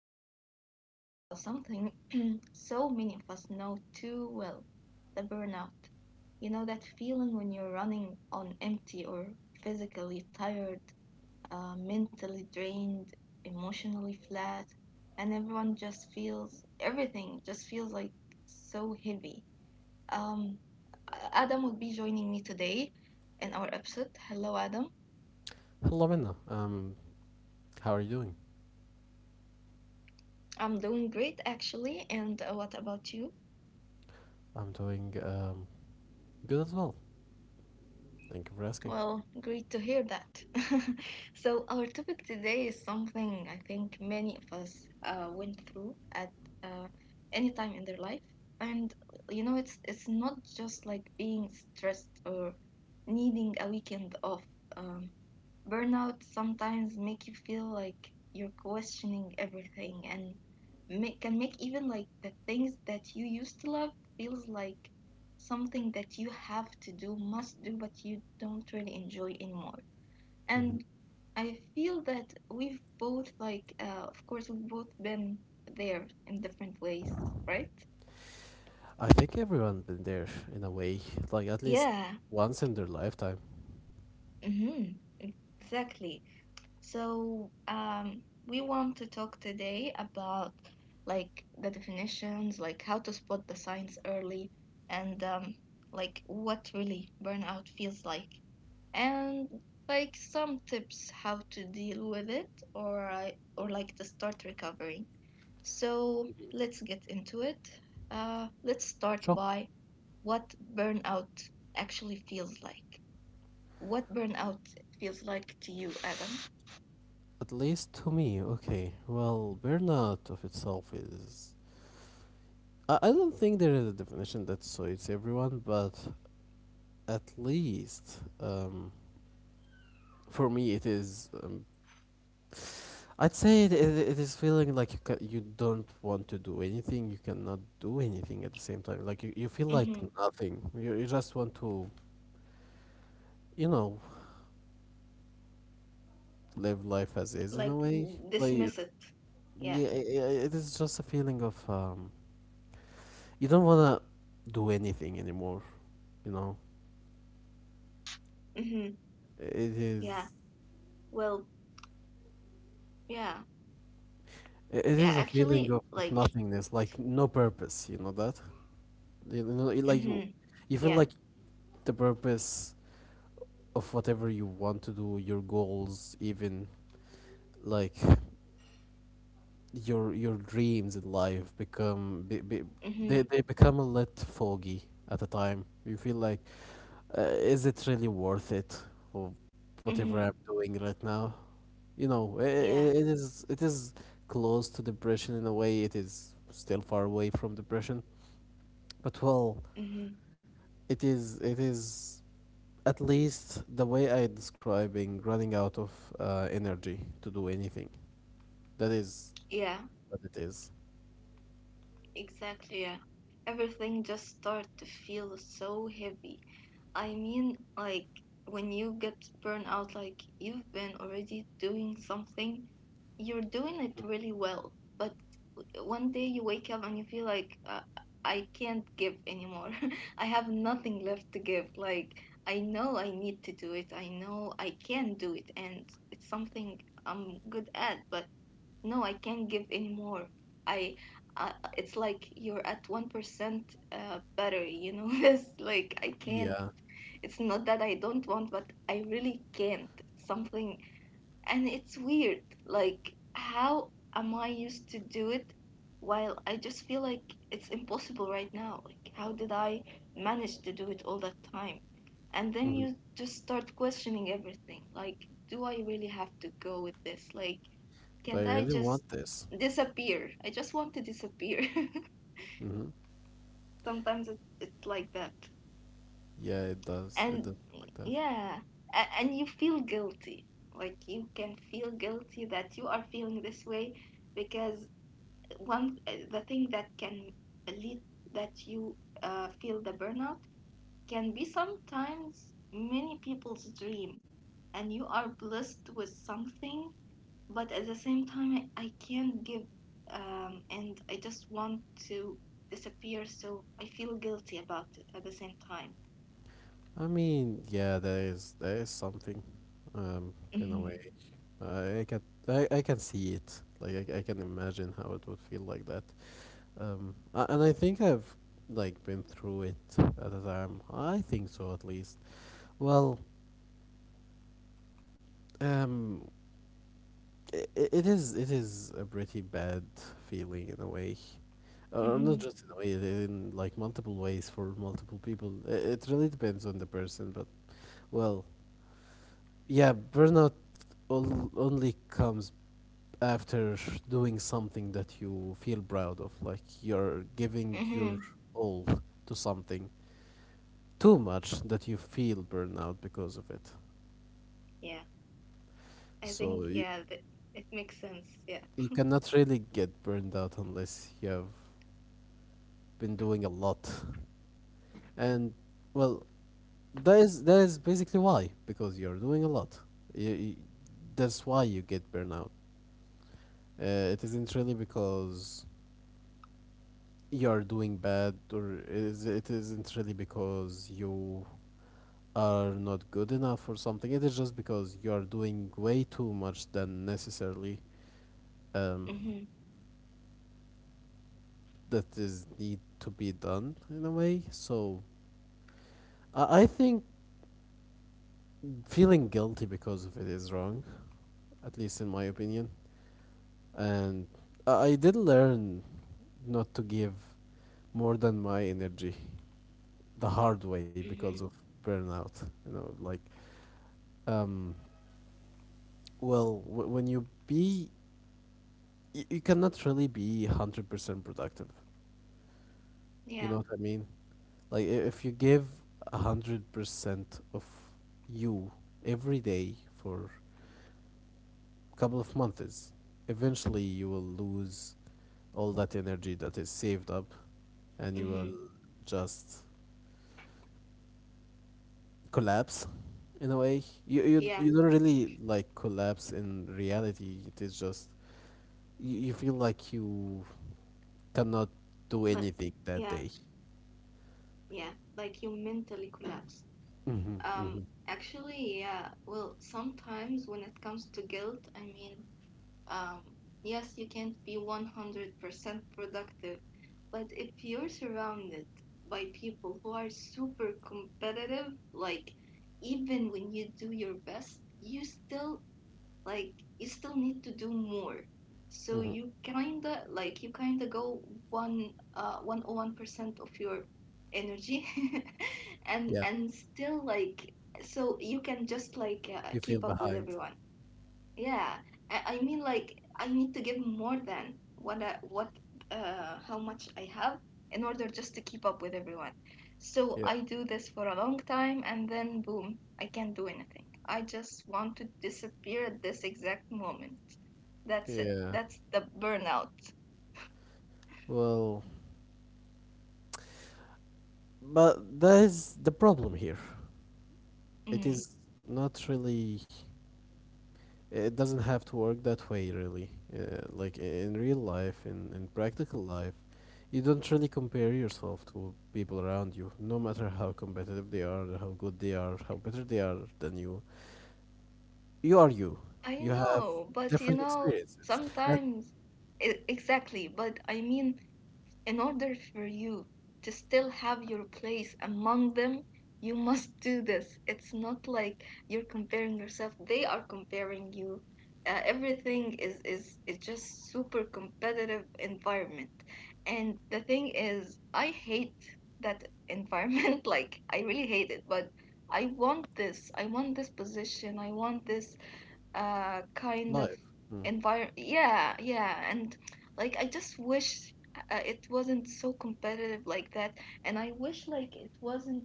uh, today we're talking about something so many of us know too well, the burnout. You know, that feeling when you're running on empty or physically tired, mentally drained, emotionally flat, and everyone just feels everything just feels like so heavy. Um, Adam will be joining me today in our episode. Hello, Adam. Hello, Minna. How are you doing? I'm doing great actually, and what about you? I'm doing good as well. Thank you for asking. Well, great to hear that. So, our topic today is something I think many of us went through at uh, any time in their life. And you know, it's not just like being stressed or needing a weekend off. Um, burnout sometimes make you feel like you're questioning everything and can make even like the things that you used to love feels like something that you have to do, must do, but you don't really enjoy anymore. Mhm. And I feel that we've both, like, of course, we've both been there in different ways, right? I think everyone been there in a way, like at least Yeah, once in their lifetime. mm-hmm, exactly. So, we want to talk today about like the definitions, like how to spot the signs early, and like what really burnout feels like, and like some tips how to deal with it or like to start recovering. So let's get into it. Let's Sure. start by what burnout actually feels like. What burnout feels like to you, Adam? At least to me, okay. Well, burnout of itself is. I don't think there is a definition that suits everyone, but at least for me it is I'd say it is feeling like you don't want to do anything, you cannot do anything at the same time. Like you feel like Mm-hmm. nothing. You just want to, you know, live life as is in a Like way. Like dismiss it. yeah, Yeah. it is just a feeling of you don't wanna do anything anymore. You know, Mm-hmm. it is Yeah. Well, yeah. it it is a Yeah, feeling of, actually, of like, nothingness, like it's. no purpose. You know that? You know, like Mm-hmm. you feel like Yeah. the purpose of whatever you want to do, your goals even like your dreams in life become Mm-hmm. they become a little foggy at a time. You feel like is it really worth it for whatever I'm Mm-hmm. doing right now? You know, Yeah. it is close to depression in a way. It is still far away from depression, but well, Mm-hmm. It is at least the way I describing, running out of energy to do anything. That is Yeah. what it is. Exactly, yeah. Everything just start to feel so heavy. I mean, like when you get burned out, like you've been already doing something, you're doing it really well, but one day you wake up and you feel like I can't give anymore. I have nothing left to give. Like I know I need to do it. I know I can do it, and it's something I'm good at, but no, I can't give any more. I uh, it's like you're at 1% better. It's like I can't. Yeah. It's not that I don't want, but I really can't. It's something, and it's weird, like how am I used to do it while I just feel like it's impossible right now. Like how did I manage to do it all that time. And then Mhm. you just start questioning everything, like do I really have to go with this? Like Do can't I I really just want this? disappear? I just want to disappear. Hmm. Sometimes it's like that. Yeah, it does. It And does look like that. yeah, and you feel guilty. Like you can feel guilty that you are feeling this way because one the thing that can lead that you feel the burnout can be sometimes many people's dream, and you are blessed with something, but at the same time, I can't give, and I just want to disappear, so I feel guilty about it at the same time. I mean, yeah, there is something, um, in a Mm-hmm. way. I can I can see it. Like I can imagine how it would feel like that. And I think I've like been through it at the time. I think so, at least. Well, um, I- it is a pretty bad feeling in a way, or not Mm-hmm. just in a way, in like multiple ways for multiple people. It really depends on the person, but well, yeah, burnout only comes after doing something that you feel proud of, like you're giving your Hmm. all to something too much that you feel burnout because of it. Yeah, I think So yeah, it makes sense. Yeah. you cannot really get burned out unless you have been doing a lot, and well, that is basically why. Because you're doing a lot, you, you- that's why you get burnout. It isn't really because you're doing bad, or is it isn't really because you are not good enough or something. It is just because you are doing way too much than necessarily um, Mm-hmm. that is need to be done in a way. So I think feeling guilty because of it is wrong, at least in my opinion. And I did learn not to give more than my energy the hard way, because Mm-hmm. of burnout. You know, like, um, well, when you be, you cannot really be 100% productive. You Yeah. know what I mean? Like, if you give 100% of you every day for a couple of months, eventually you will lose all that energy that is saved up, and you will Mm-hmm. just collapse. In a way you Yeah. You don't really like collapse in reality. It is just you, you feel like you cannot do Like anything that yeah, day. yeah. Like you mentally collapse. Mm-hmm, mm-hmm, Um. Actually, yeah. Well, sometimes when it comes to guilt, I mean, Um, yes, you can't be 100% productive, but if you're surrounded by people who are super competitive, like even when you do your best, like you still need to do more. So mm-hmm. you kinda go one 101% of your energy and Yeah, and still like, so you can just like you feel keep up with behind. everyone. Yeah, I mean like I need to give more than what I, what how much I have in order just to keep up with everyone. So Yeah, I do this for a long time and then boom, I can't do anything. I just want to disappear at this exact moment. That's it. yeah. That's the burnout. Well, but that is the problem here. It Mm. is not really, it doesn't have to work that way really. Like in real life, in practical life, you don't really compare yourself to people around you, no matter how competitive they are, how good they are, how better they are than you. You are you. I You have know, but you different know, experiences, and sometimes exactly, but I mean, in order for you to still have your place among them, you must do this. It's not like you're comparing yourself, they are comparing you. Everything is just super competitive environment. And the thing is, I hate that environment. Like I really hate it, but I want this. I want this position. I want this kind of life. Mm. environment. Yeah, yeah, and like I just wish it wasn't so competitive like that, and I wish like it wasn't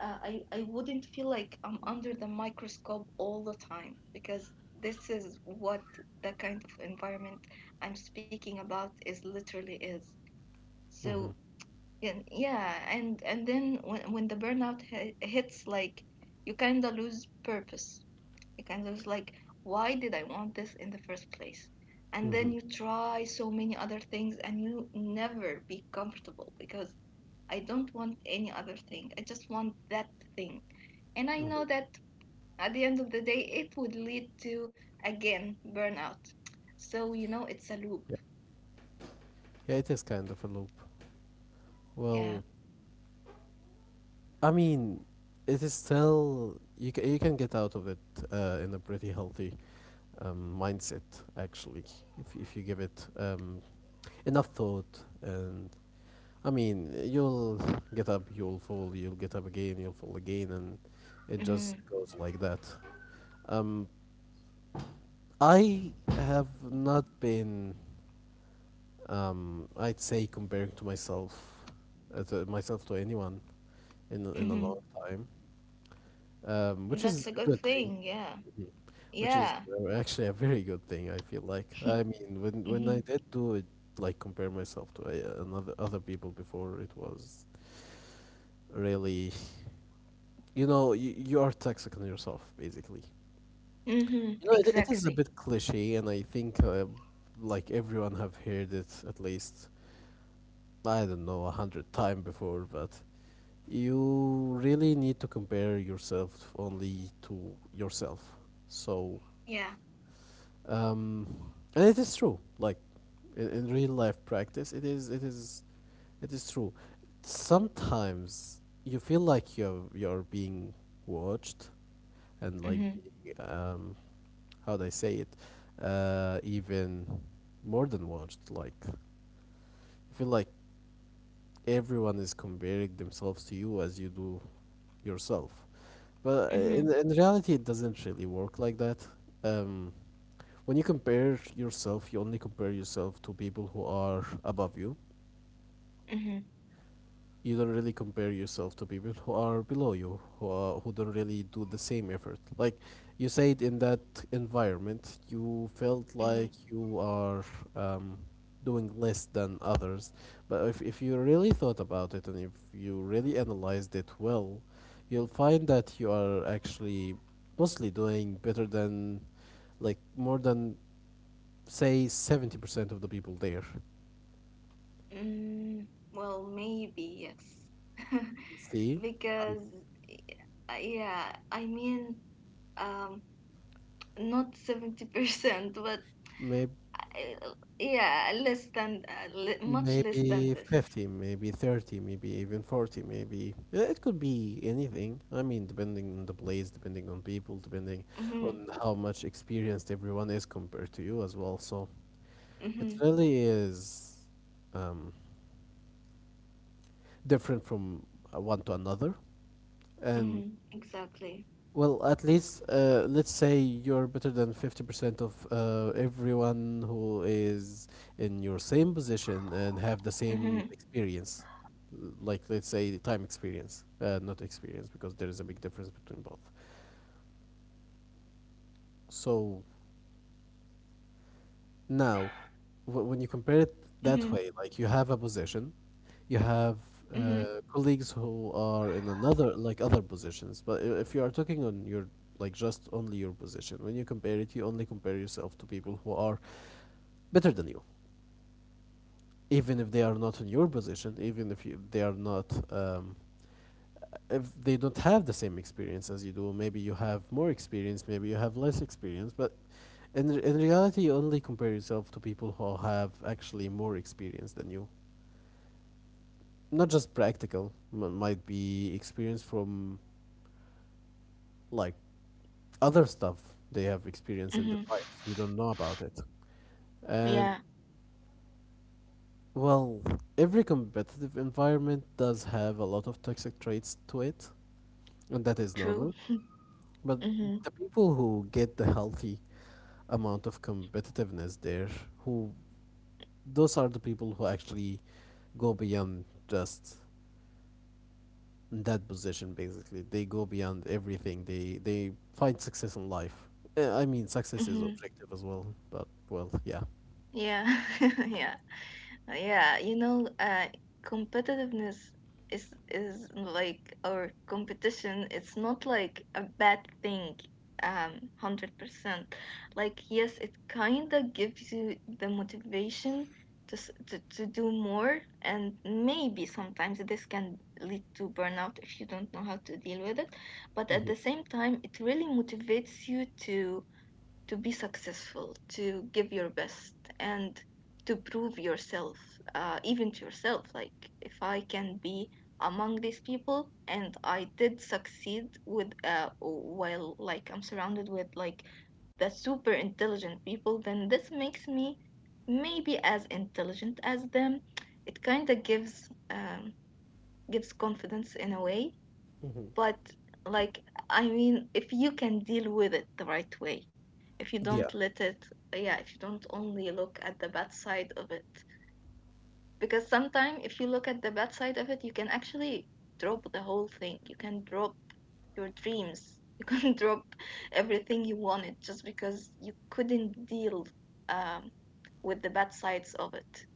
I wouldn't feel like I'm under the microscope all the time, because this is what the kind of environment I'm speaking about is literally is so. Hmm. Yeah, yeah, and then when the burnout hits, like you kind of lose purpose. It kind of is like, why did I want this in the first place? And then Hmm. you try so many other things and you never be comfortable, because I don't want any other thing. I just want that thing. And I know Hmm. that at the end of the day, it would lead to, again, burnout. So, you know, it's a loop. Yeah. Yeah, it is kind of a loop. Yeah. Well, I mean, it is still. You can you can get out of it, in a pretty healthy mindset actually, if you give it enough thought. And I mean, you'll get up, you'll fall, you'll get up again, you'll fall again, and it just Hmm. goes like that. Um, I have not been I'd say comparing to myself to myself to anyone in a Hmm. long time, which That's is a a good good thing. thing. Yeah. Mhm. Which is Yeah. Actually a very good thing, I feel like. I mean, when I Hmm. did do it, like compare myself to another other people before, it was really, you know, you are toxic on yourself, basically. Hmm. You know, it is a Exactly. bit cliche, and I think like everyone have heard it at least, I don't know, 100 time before, but you really need to compare yourself only to yourself. So Yeah. um, and it is true. Like in real life practice, it is it is it is true. Sometimes you feel like you're being watched, and like Hmm. being how do I say it, even more than watched. Like I feel like everyone is comparing themselves to you as you do yourself, but Hmm. In reality it doesn't really work like that. um when you compare yourself, you only compare yourself to people who are above you. Hmm. You don't really compare yourself to people who are below you, who are, who don't really do the same effort. Like you said, in that environment, you felt Hmm. like you are um, doing less than others. But if you really thought about it and if you really analyzed it well, you'll find that you are actually mostly doing better than, like more than, say 70% of the people there. Mm, well, maybe yes. See, Because, yeah, I mean, um, not 70%, but maybe, yeah, less than, le much less than maybe this. 50, maybe 30, maybe even 40, maybe. It could be anything. I mean, depending on the place, depending on people, depending Mm-hmm, on how much experienced everyone is compared to you as well. So mm-hmm, it really is um, different from one to another. And mm-hmm, exactly. well, at least let's say you're better than 50% of everyone who is in your same position and have the same Mm-hmm, experience. L- like, let's say, time experience, not experience, because there is a big difference between both. So now, when you compare it mm-hmm, that way, like you have a position, you have mm-hmm, uh, colleagues who are in another like other positions. But if you are talking on your like just only your position, when you compare it, you only compare yourself to people who are better than you, even if they are not in your position, even if they are not um, if they don't have the same experience as you do. Maybe you have more experience, maybe you have less experience, but in reality, you only compare yourself to people who have actually more experience than you. Not just practical. Might be experience from like other stuff they have experienced in their hmm. lives. You don't know about it. And Yeah, well, every competitive environment does have a lot of toxic traits to it, and that is true. normal. But Mm-hmm, the people who get the healthy amount of competitiveness there, who those are the people who actually go beyond just that position. Basically they go beyond everything. They find success in life. I mean, success is mm-hmm. objective as well, but well, yeah. Yeah, yeah. Oh, yeah, you know, competitiveness is like our competition. It's not like a bad thing, 100%. Like yes, it kind of gives you the motivation to, s- to do more, and maybe sometimes this can lead to burnout if you don't know how to deal with it. But at Hmm. the same time, it really motivates you to be successful, to give your best, and to prove yourself, even to yourself. Like, if I can be among these people and I did succeed while like I'm surrounded with like the super intelligent people, then this makes me maybe as intelligent as them. It kind of gives confidence in a way. Hmm. But like, I mean, if you can deal with it the right way, if you Yeah. don't let it, yeah, if you don't only look at the bad side of it, because sometimes if you look at the bad side of it, you can actually drop the whole thing. You can drop your dreams. You can drop everything you wanted just because you couldn't deal um, with the bad sides of it.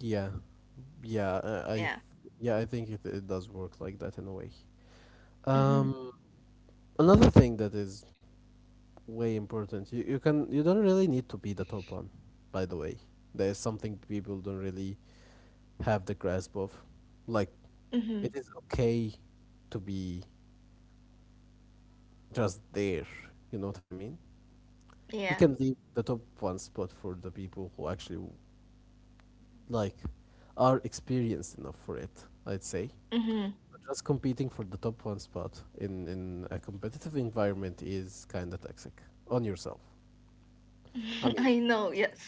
Yeah. yeah uh, i th- Yeah. yeah, I think it, it does work like that in a way. Hmm. um Another thing that is way important. You can, you don't really need to be the top one, by the way. There's something people don't really have the grasp of. Like it Hmm. is okay to be just there. You know what I mean? You Yeah. can leave the top one spot for the people who actually like are experienced enough for it. I'd say. Hmm. But just competing for the top one spot in a competitive environment is kind of toxic on yourself. I mean, I know. Yes.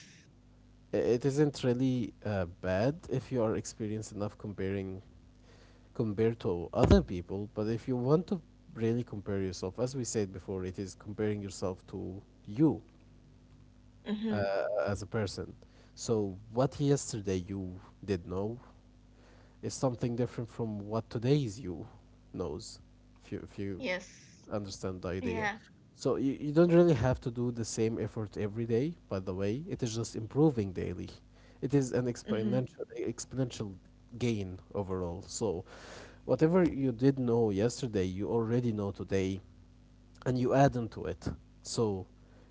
it isn't really bad if you are experienced enough comparing compared to other people. But if you want to really compare yourself, as we said before, it is comparing yourself to you Hmm. as a person. So what yesterday you did know is something different from what today's you knows, if you Yes. understand the idea. Yeah. So you don't really have to do the same effort every day, by the way. It is just improving daily. It is an Mhm. Exponential gain overall. So whatever you did know yesterday, you already know today, and you add into it. So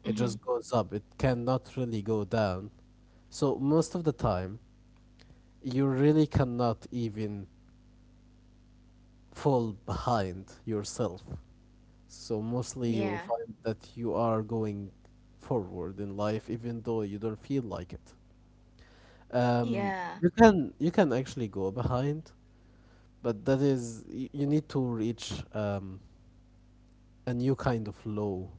it just Mhm. goes up. It cannot really go down. So most of the time you really cannot even fall behind yourself. So mostly you will Yeah. find that you are going forward in life, even though you don't feel like it. Um, Yeah. you can actually go behind, but that is you need to reach a new kind of low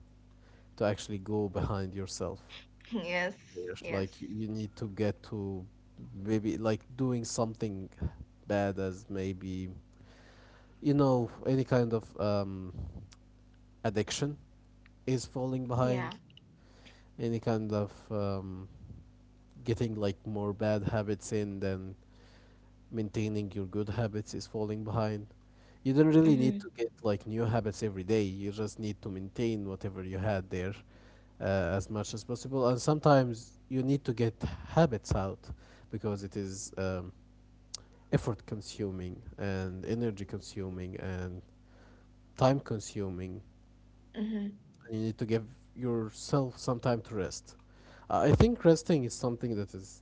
to actually go behind yourself. Yes. Yes. Yes. Like you need to get to maybe like doing something bad as maybe any kind of addiction is falling Yeah. behind, any kind of getting like more bad habits in than maintaining your good habits is falling behind. You don't really need Mhm. to get like new habits every day. You just need to maintain whatever you had there as much as possible. And sometimes you need to get habits out because it is effort consuming and energy consuming and time consuming Mhm. and you need to give yourself some time to rest. I think resting is something that is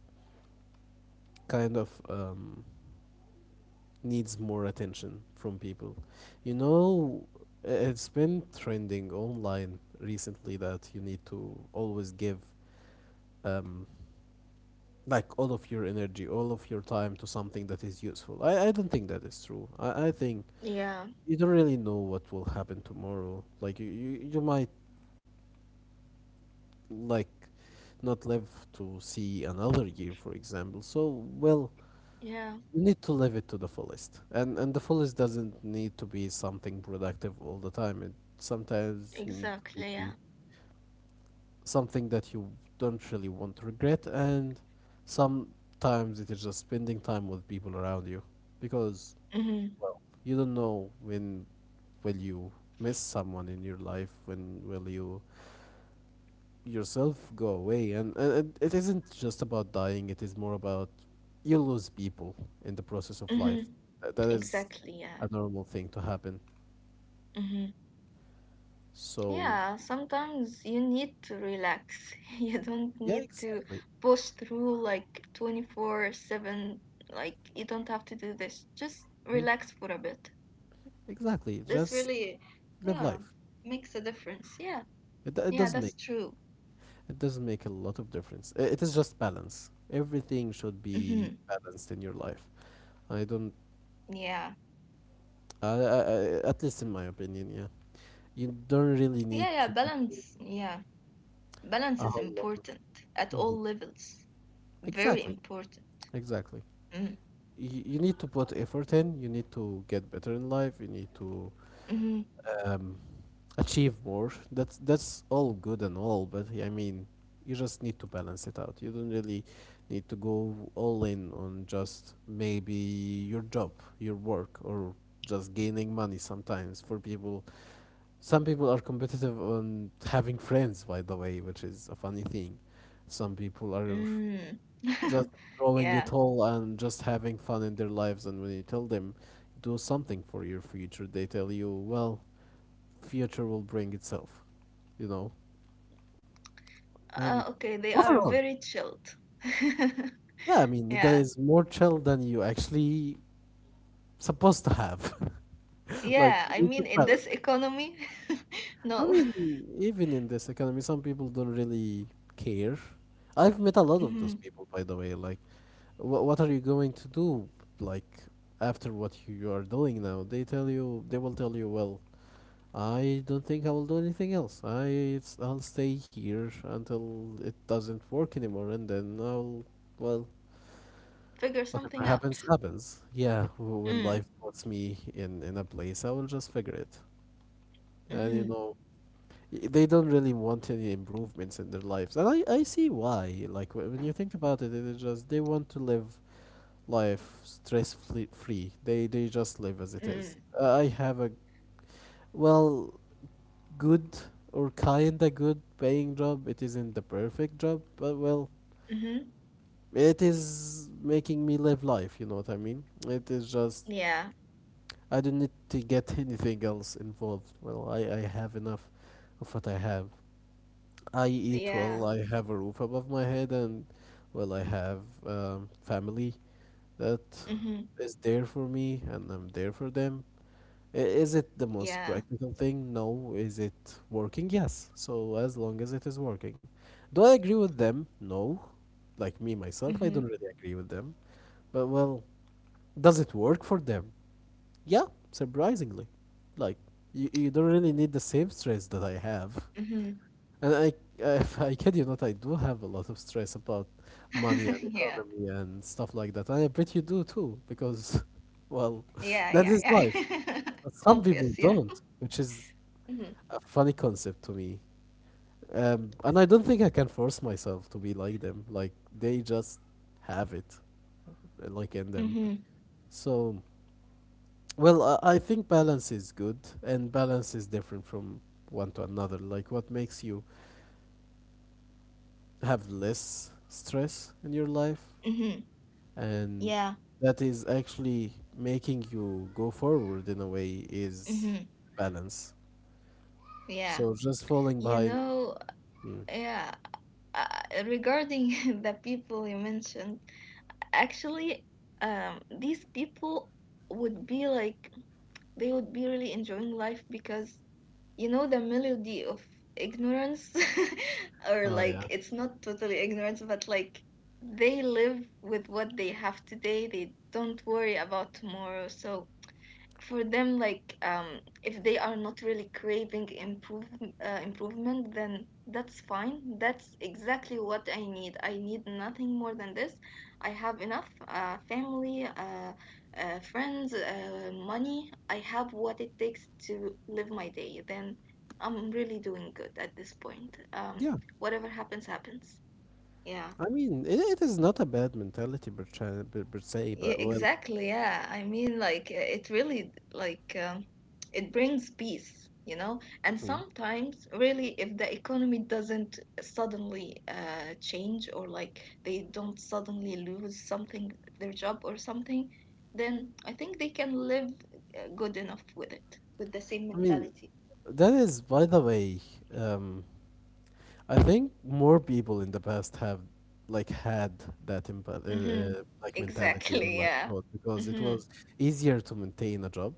kind of needs more attention from people you know it's been trending online recently that you need to always give um, like all of your energy all of your time to something that is useful. I don't think that is true. I think Yeah. you don't really know what will happen tomorrow. Like you you might like not live to see another year, for example. So, well, Yeah. you need to live it to the fullest, and the fullest doesn't need to be something productive all the time. It sometimes need to Exactly. be Yeah. something that you don't really want to regret, and sometimes it is just spending time with people around you, because Mhm. well, you don't know when will you miss someone in your life, when will you yourself go away, and and it isn't just about dying, it is more about you lose people in the process of life. Mhm. That is Exactly. Yeah. a normal thing to happen, Mhm. so Yeah. Sometimes you need to relax. You don't yeah, need to exactly. push through like 24/7. Like you don't have to do this. Just Hmm, relax for a bit. exactly, This just really, live yeah, life. makes a difference. Yeah. It Yeah. does That's make, true. it does make a lot of difference. It is just balance, everything should Mhm. be balanced in your life. I don't Yeah. I, I, I, at least in my opinion, yeah, you don't really need Yeah, yeah, to do balance. Yeah, balance a is whole lot of. important at Mhm. all levels. Very Exactly. important. Exactly. Mm, You need to put effort in, you need to get better in life, you need to mm, um, achieve more. That's all good and all, but I mean, you just need to balance it out. You don't really need to go all in on just maybe your job, your work, or just gaining money. Sometimes for people, some people are competitive on having friends, by the way, which is a funny thing. Some people are mm. just throwing Yeah. it all and just having fun in their lives. And when you tell them, do something for your future, they tell you, well, future will bring itself, you know? And Okay, they bother are on. very chilled. Yeah, I mean, that Yeah. is more chill than you actually supposed to have. like, Yeah, you I need to mean, in balance. this economy, I no. mean, even in this economy, some people don't really care. I've met a lot of Hmm. those people, by the way. Like, what are you going to do, like, after what you are doing now? They tell you, they will tell you, well, I don't think I will do anything else. I'll stay here until it doesn't work anymore, and then I'll, well, Figure whatever something happens, out. happens. Yeah, when Mm. life puts me in a place, I will just figure it. And you Hmm. know, they don't really want any improvements in their lives, and I see why. Like when you think about it, they just they want to live life stress free. They just live as it is. Hmm. I have a, well, good or kinda good paying job. It isn't the perfect job, but well, Hmm. it is making me live life, you know what I mean. It is just, Yeah. I don't need to get anything else involved. Well, I have enough of what I have. I eat Yeah. well, I have a roof above my head, and well, I have family that Hmm. is there for me, and I'm there for them. Is it the most Yeah. practical thing? No. Is it working? Yes. So as long as it is working. Do I agree with them? No. Like me myself, I Hmm. don't really agree with them. But well, does it work for them? Yeah, surprisingly. Like you don't really need the same stress that I have. Hmm. And I, if I kid you not, I do have a lot of stress about money and Yeah. economy and stuff like that. And I bet you do too, because, well, Yeah, that is yeah, life. yeah. But some people Obvious, yeah. don't, which is Mhm. a funny concept to me. And I don't think I can force myself to be like them. Like, they just have it, like in them. Mm-hmm. So, well, I think balance is good, and balance is different from one to another. Like, what makes you have less stress in your life Mm-hmm. and Yeah. that is actually making you go forward in a way is Mm-hmm. balance. Yeah. So just falling You behind. know, Mm. yeah. Uh, Regarding the people you mentioned, actually, these people would be like they would be really enjoying life, because you know, the melody of ignorance, or Oh yeah. like it's not totally ignorance, but like they live with what they have today. They don't worry about tomorrow. So for them, like if they are not really craving improvement, then that's fine. That's exactly what I need. I need nothing more than this. I have enough family, friends, money. I have what it takes to live my day. Then I'm really doing good at this point. Yeah, Whatever happens, happens. Yeah. I mean, it is not a bad mentality, per se, Yeah, but well. exactly. Yeah. I mean, like, it really, like, it brings peace, you know? And Mhm. sometimes, really, if the economy doesn't suddenly change, or like they don't suddenly lose something, their job or something, then I think they can live good enough with it, with the same I mean, mentality. that is, by the way, um I think more people in the past have like had that Mm-hmm. Like mentality or Exactly. like Yeah. code, because it Mm-hmm. was easier to maintain a job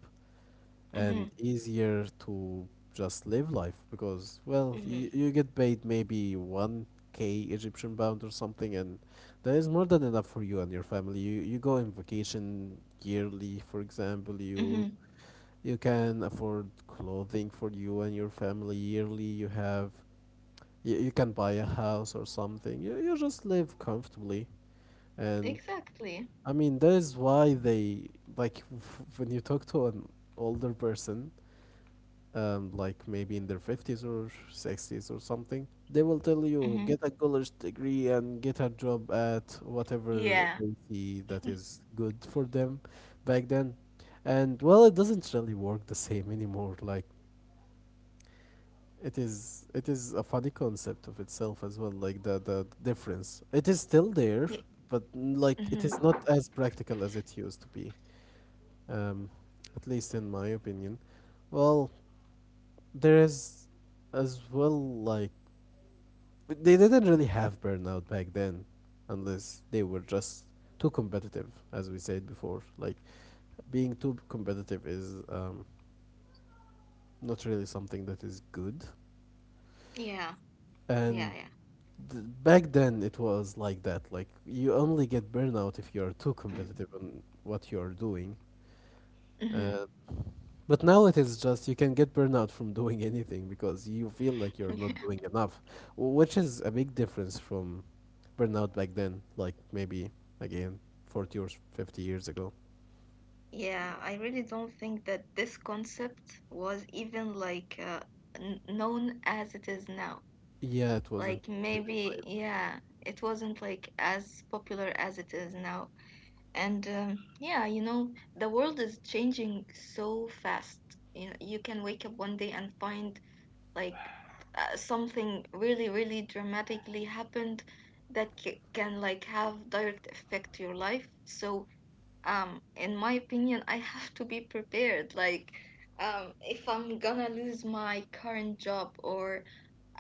and Mm-hmm. easier to just live life. Because well, Mm-hmm. you get paid maybe 1K egyptian pound or something, and that is more than enough for you and your family. You go on vacation yearly, for example, you Mm-hmm. you can afford clothing for you and your family yearly, you have you can buy a house or something, you just live comfortably. And Exactly. I mean that is why they, like, when you talk to an older person like maybe in their 50s or 60s or something, they will tell you Mm-hmm. get a college degree and get a job at whatever Yeah. they see that is good for them back then. And well, it doesn't really work the same anymore. Like it is a funny concept of itself as well. Like the difference, it is still there, Yeah. but mm, like it is Mm-hmm. not as practical as it used to be. Um, at least in my opinion. Well, there is as well like they didn't really have burnout back then unless they were just too competitive, as we said before. Like being too competitive is not really something that is good. Yeah. Yeah, And yeah. Back then it was like that, like you only get burnout if you're too competitive on what you're doing. Hmm. uh, But now it is just you can get burnout from doing anything because you feel like you're not doing Yeah. enough, which is a big difference from burnout back then, like maybe again 40 or 50 years ago. Yeah, I really don't think that this concept was even like n known as it is now. Yeah, it wasn't Like really maybe, wise. yeah, it wasn't like as popular as it is now. And yeah, you know, the world is changing so fast. You know, you can wake up one day and find like something really, really dramatically happened that can like have direct effect to your life. So in my opinion, I have to be prepared, like if I'm gonna lose my current job, or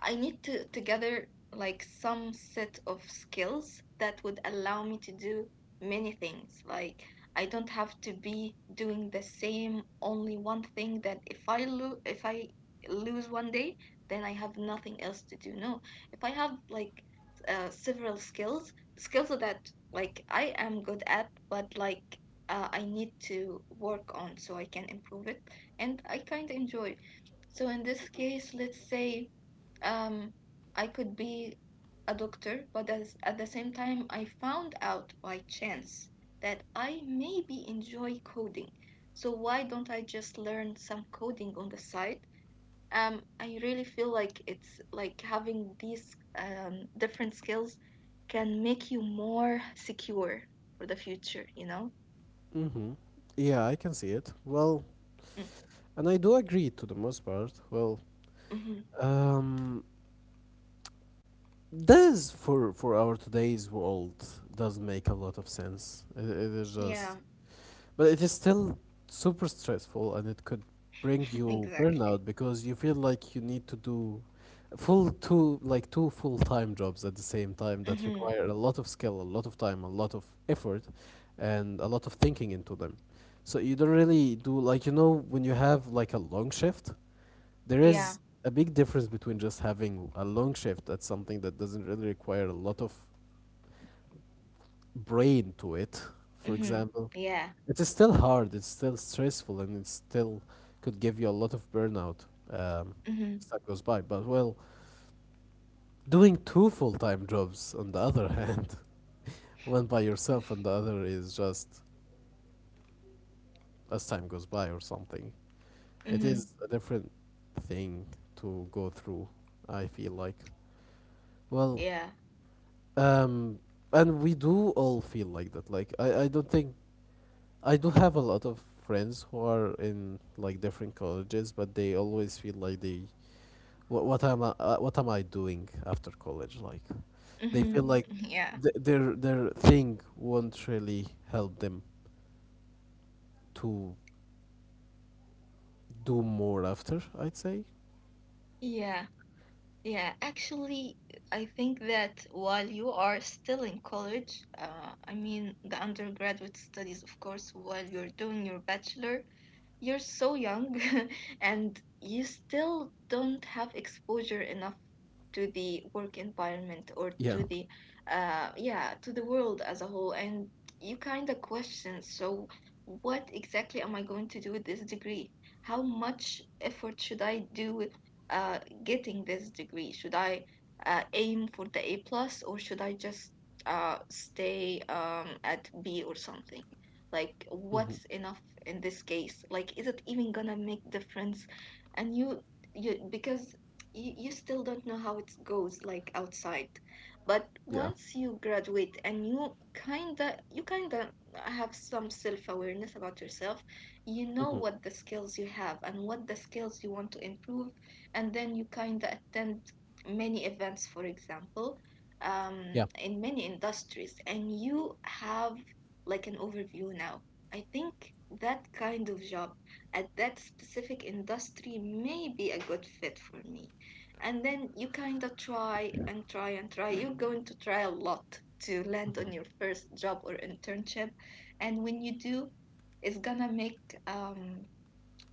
I need to gather like some set of skills that would allow me to do many things. Like I don't have to be doing the same only one thing that if I lose one day, then I have nothing else to do. No, if I have like several skills that like I am good at, but like I need to work on so I can improve it, and I kind of enjoy. So in this case, let's say, um, I could be a doctor, but at the same time, I found out by chance that I maybe enjoy coding. So why don't I just learn some coding on the side? I really feel like it's like having these different skills can make you more secure for the future, you know? Mm-hmm. Yeah, I can see it. Well, Mm. and I do agree to the most part. Well, Mhm. um, this for our today's world does make a lot of sense. It is just. Yeah, But it is still super stressful and it could bring you exactly. burnout because you feel like you need to do full two like two full-time jobs at the same time that Mm-hmm. require a lot of skill, a lot of time, a lot of effort and a lot of thinking into them. So you don't really do, like, you know, when you have like a long shift, there Yeah. is a big difference between just having a long shift at something that doesn't really require a lot of brain to it, for Mm-hmm. example. Yeah. It's still hard, it's still stressful, and it still could give you a lot of burnout Mm-hmm. as time goes by. But well, doing two full time jobs on the other hand, one by yourself and the other is just as time goes by or something. It Mm-hmm. is a different thing to go through, I feel like. Well, Yeah. um, and we do all feel like that. Like, I don't think. I do have a lot of friends who are in like different colleges, but they always feel like they what am I doing after college? Like they feel Hmm. like Yeah. Their thing won't really help them to do more after. I'd say, Yeah. Yeah, actually, I think that while you are still in college, I mean the undergraduate studies, of course, while you're doing your bachelor, you're so young and you still don't have exposure enough to the work environment, or yeah, to the yeah, to the world as a whole. And you kind of question, so what exactly am I going to do with this degree? How much effort should I do, uh getting this degree? Should I aim for the A plus, or should I just stay at B or something? Like, hmm, what's enough in this case? Like, is it even gonna make difference? And you because you still don't know how it goes like outside. But yeah, once you graduate, and you kinda have some self-awareness about yourself, you know hmm, what the skills you have and what the skills you want to improve. And then you kind of attend many events, for example, yeah. in many industries, and you have like an overview now. I think that kind of job at that specific industry may be a good fit for me. And then you kind of try and try and try. You're going to try a lot to land on your first job or internship. And when you do, it's gonna make um,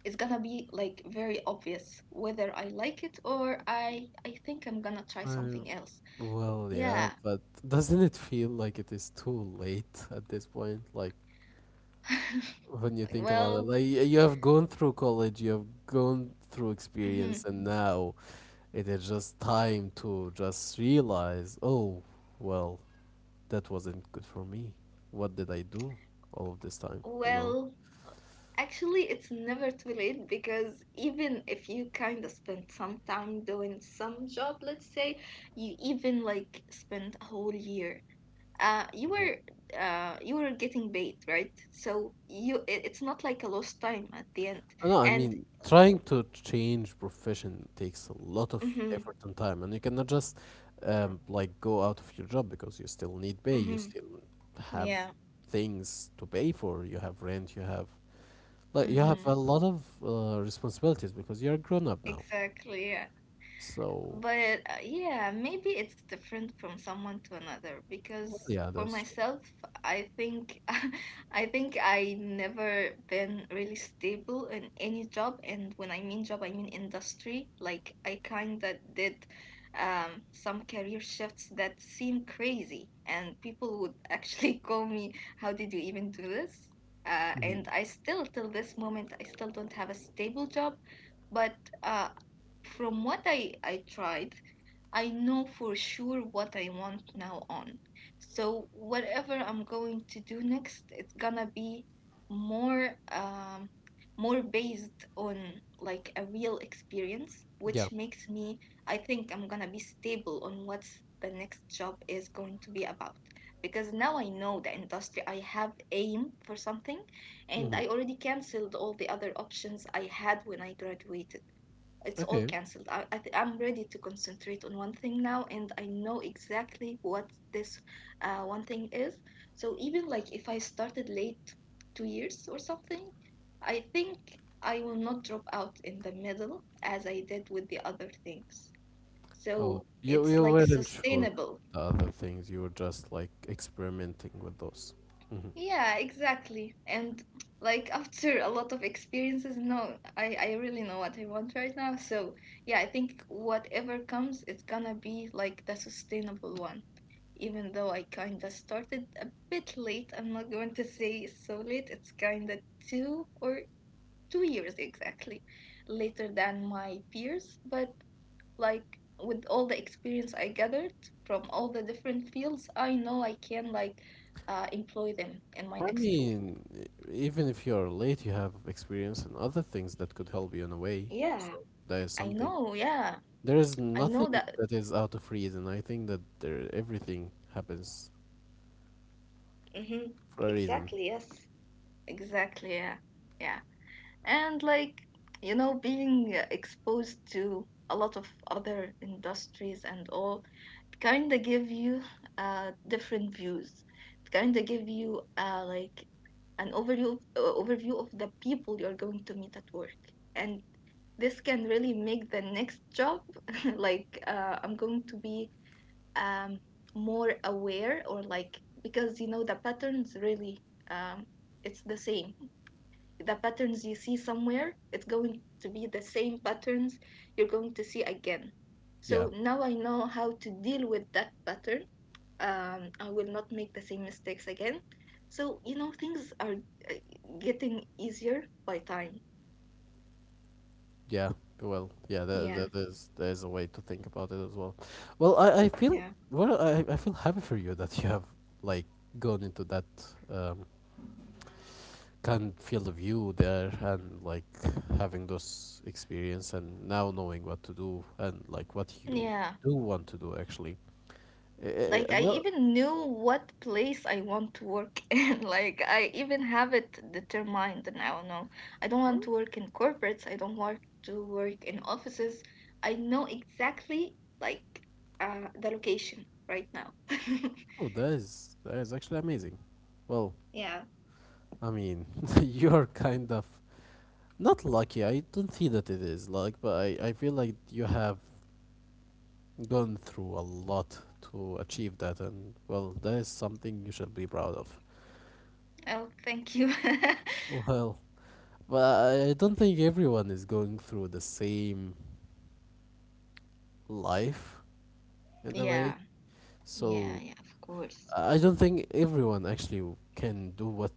it's gonna be like very obvious whether I like it, or I think I'm gonna try I, something else. well, yeah, Yeah. but doesn't it feel like it is too late at this point? Like when you Like, think about it. well, Like you have gone through college, you have gone through mhm. experience, and now it is just time to just realize, oh, well, that wasn't good for me. What did I do all of this time? You know. Well, actually, it's never too late, because even if you kind of spend some time doing some job, let's say you even like spend a whole year. Uh, you Mhm. were you were getting paid, right? So it's not like a lost time at the end. No, I And mean, trying to change profession takes a lot of mm-hmm, effort and time, and you cannot just like go out of your job because you still need pay. You mm-hmm, still have yeah. things to pay for. You have rent. You have like you have Mm-hmm. a lot of responsibilities because you're grown up now. Exactly, yeah. So, But yeah, maybe it's different from someone to another, well, because yeah, for that's true. myself, I think I think I never been really stable in any job, and when I mean job, I mean industry. Like I kind of did some career shifts that seem crazy, and people would actually call me, "How did you even do this?" Hmm. And I still, till this moment, I still don't have a stable job, but uh, from what I tried, I know for sure what I want now on. So whatever I'm going to do next, it's gonna be more um more based on like a real experience, Yeah. which makes me, I think I'm gonna be stable on what the next job is going to be about. Because now I know the industry, I have aim for something, and Hmm. I already cancelled all the other options I had when I graduated. It's all Okay. cancelled. I'm ready to concentrate on one thing now, and I know exactly what this one thing is. So even like if I started late 2 years or something, I think I will not drop out in the middle as I did with the other things. Oh, So you it's you like weren't sure sustainable. about the other things. You were just like experimenting with those. Hmm. Yeah, exactly. And like after a lot of experiences, no, I really know what I want right now. So yeah, I think whatever comes, it's gonna be like the sustainable one. Even though I kinda started a bit late, I'm not going to say so late. It's kinda 2 or 2 years exactly later than my peers, but like with all the experience I gathered from all the different fields, I know I can like employ them in my I next role. mean, even if you're late, you have experience in other things that could help you in a way. Yeah. So that is I something. know, yeah, There is I know nothing that. that is out of reason. I think that there everything happens Mm-hmm. for a reason. Exactly. Yes. Exactly, yeah, yeah, and like, you know, being exposed to a lot of other industries and all, kind of give you different views. It kind of give you an overview, overview of the people you're going to meet at work. And this can really make the next job like I'm going to be um more aware, or like, because you know the patterns really, um it's the same. The patterns you see somewhere, it's going to be the same patterns you're going to see again. Yeah. So now I know how to deal with that pattern. I will not make the same mistakes again. So, you know, things are getting easier by time. Yeah, well, yeah, there, there, Yeah, there's there's a way to think about it as well. Well, I, I feel yeah. well, I feel happy for you that you have like gone into that um, kind of field of view there and like having those experience and now knowing what to do and like what you Yeah. do want to do actually. Uh, Like I well, even knew what place I want to work in. Like I even have it determined now. No, I don't want to work in corporates. I don't want to work in offices. I know exactly like the location right now. oh, that is actually amazing. Well, Yeah. I mean, you're kind of not lucky. I don't see that it is like, but I feel like you have gone through a lot to achieve that, and well, that is something you should be proud of. Oh, thank you. Well, but I don't think everyone is going through the same life in a way, Yeah. Yeah. so Yeah. Of course. I don't think everyone actually can do what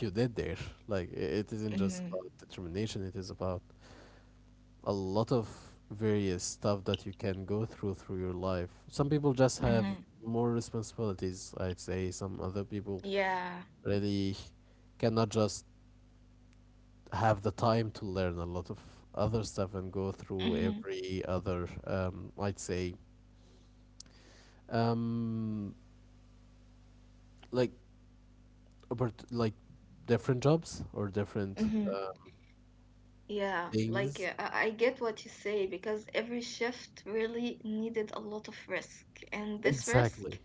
you did there. Like, it isn't just Mhm. about determination, it is about a lot of various stuff that you can go through through your life. Some people just have Mhm. more responsibilities, I'd say, some other people Yeah. really cannot just have the time to learn a lot of other stuff and go through Mhm. every other I'd say um like like different jobs or different Mhm. Yeah, like things I get what you say, because every shift really needed a lot of risk, and this risk, exactly.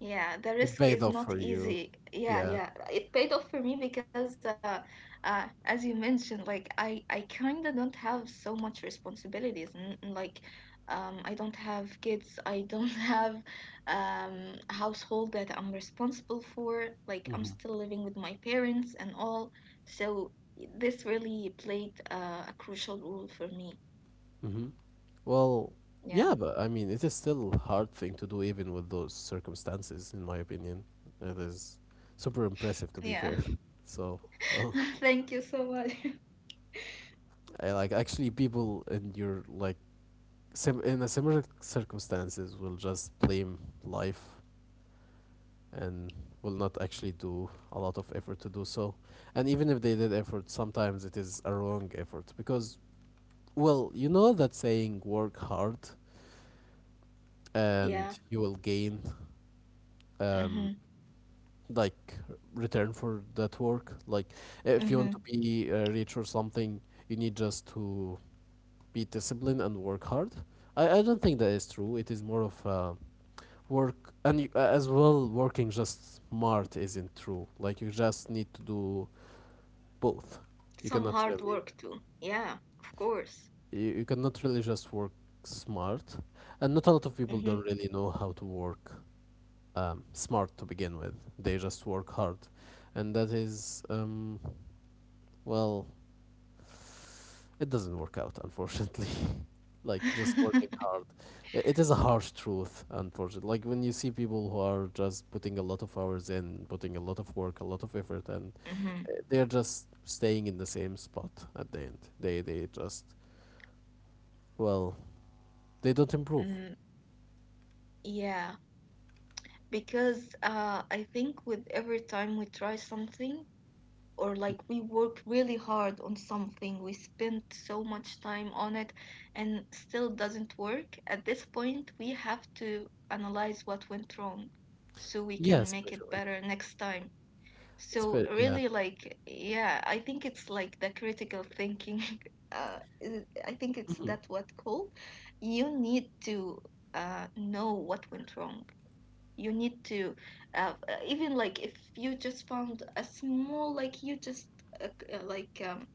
yeah, the It risk paid is off not for you, easy. Yeah, yeah. yeah. It paid off for me, because as you mentioned, like I kind of don't have so much responsibilities, and like I don't have kids. I don't have household that I'm responsible for. Like I'm Hmm. still living with my parents and all. So this really played a crucial role for me. Hmm. Well, yeah, Yeah. but I mean it is still a hard thing to do even with those circumstances in my opinion. It is super impressive to be Yeah. fair. So, well, Thank you so much. I, like actually people in your like in a similar circumstances will just blame life and will not actually do a lot of effort to do so, and even if they did effort sometimes it is a wrong effort because well you know that saying work hard and Yeah. you will gain um Mm-hmm. like return for that work. Like if you want Mm-hmm. to be rich or something, you need just to be disciplined and work hard. I don't think that is true. It is more of work, and you, as well working just smart isn't true. Like you just need to do both. You Some cannot hard really work too. Yeah, of course. you cannot really just work smart, and not a lot of people Hmm. don't really know how to work smart to begin with. They just work hard, and that is well, it doesn't work out, unfortunately. Like just working hard. It is a harsh truth, unfortunately. Like when you see people who are just putting a lot of hours in, putting a lot of work, a lot of effort, and Hmm. They're just staying in the same spot at the end. They just well they don't improve. Mm, yeah, because I think with every time we try something, or like we work really hard on something, we spend so much time on it, and still doesn't work, at this point we have to analyze what went wrong, so we Yeah, can make it especially. better next time. So Yeah. really, like, yeah, I think it's like the critical thinking. I think it's Hmm. that what called. You need to know what went wrong. You need to even like if you just found a small, like you just uh, uh, like um,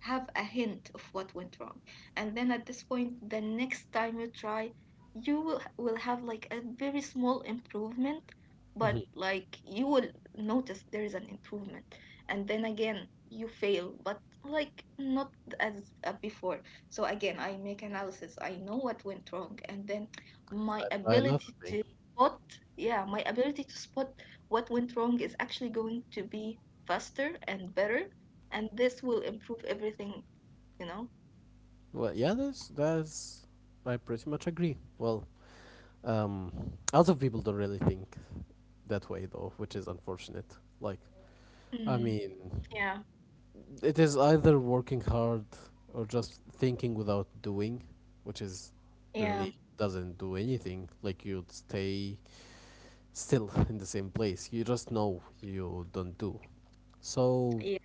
have a hint of what went wrong, and then at this point, the next time you try, you will have like a very small improvement, but Hmm. like you will notice there is an improvement. And then again you fail, but like not as before. So again I make analysis, I know what went wrong, and then my I try another ability thing. to spot, yeah, my ability to spot what went wrong is actually going to be faster and better, and this will improve everything, you know? Well, yeah, that's that's. I pretty much agree. Well, um, a lot of people don't really think that way though, which is unfortunate. Like, I Mm, mean, yeah, it is either working hard or just thinking without doing, which is yeah, really doesn't do anything. Like you'd stay still in the same place. You just know you don't do. So, yeah.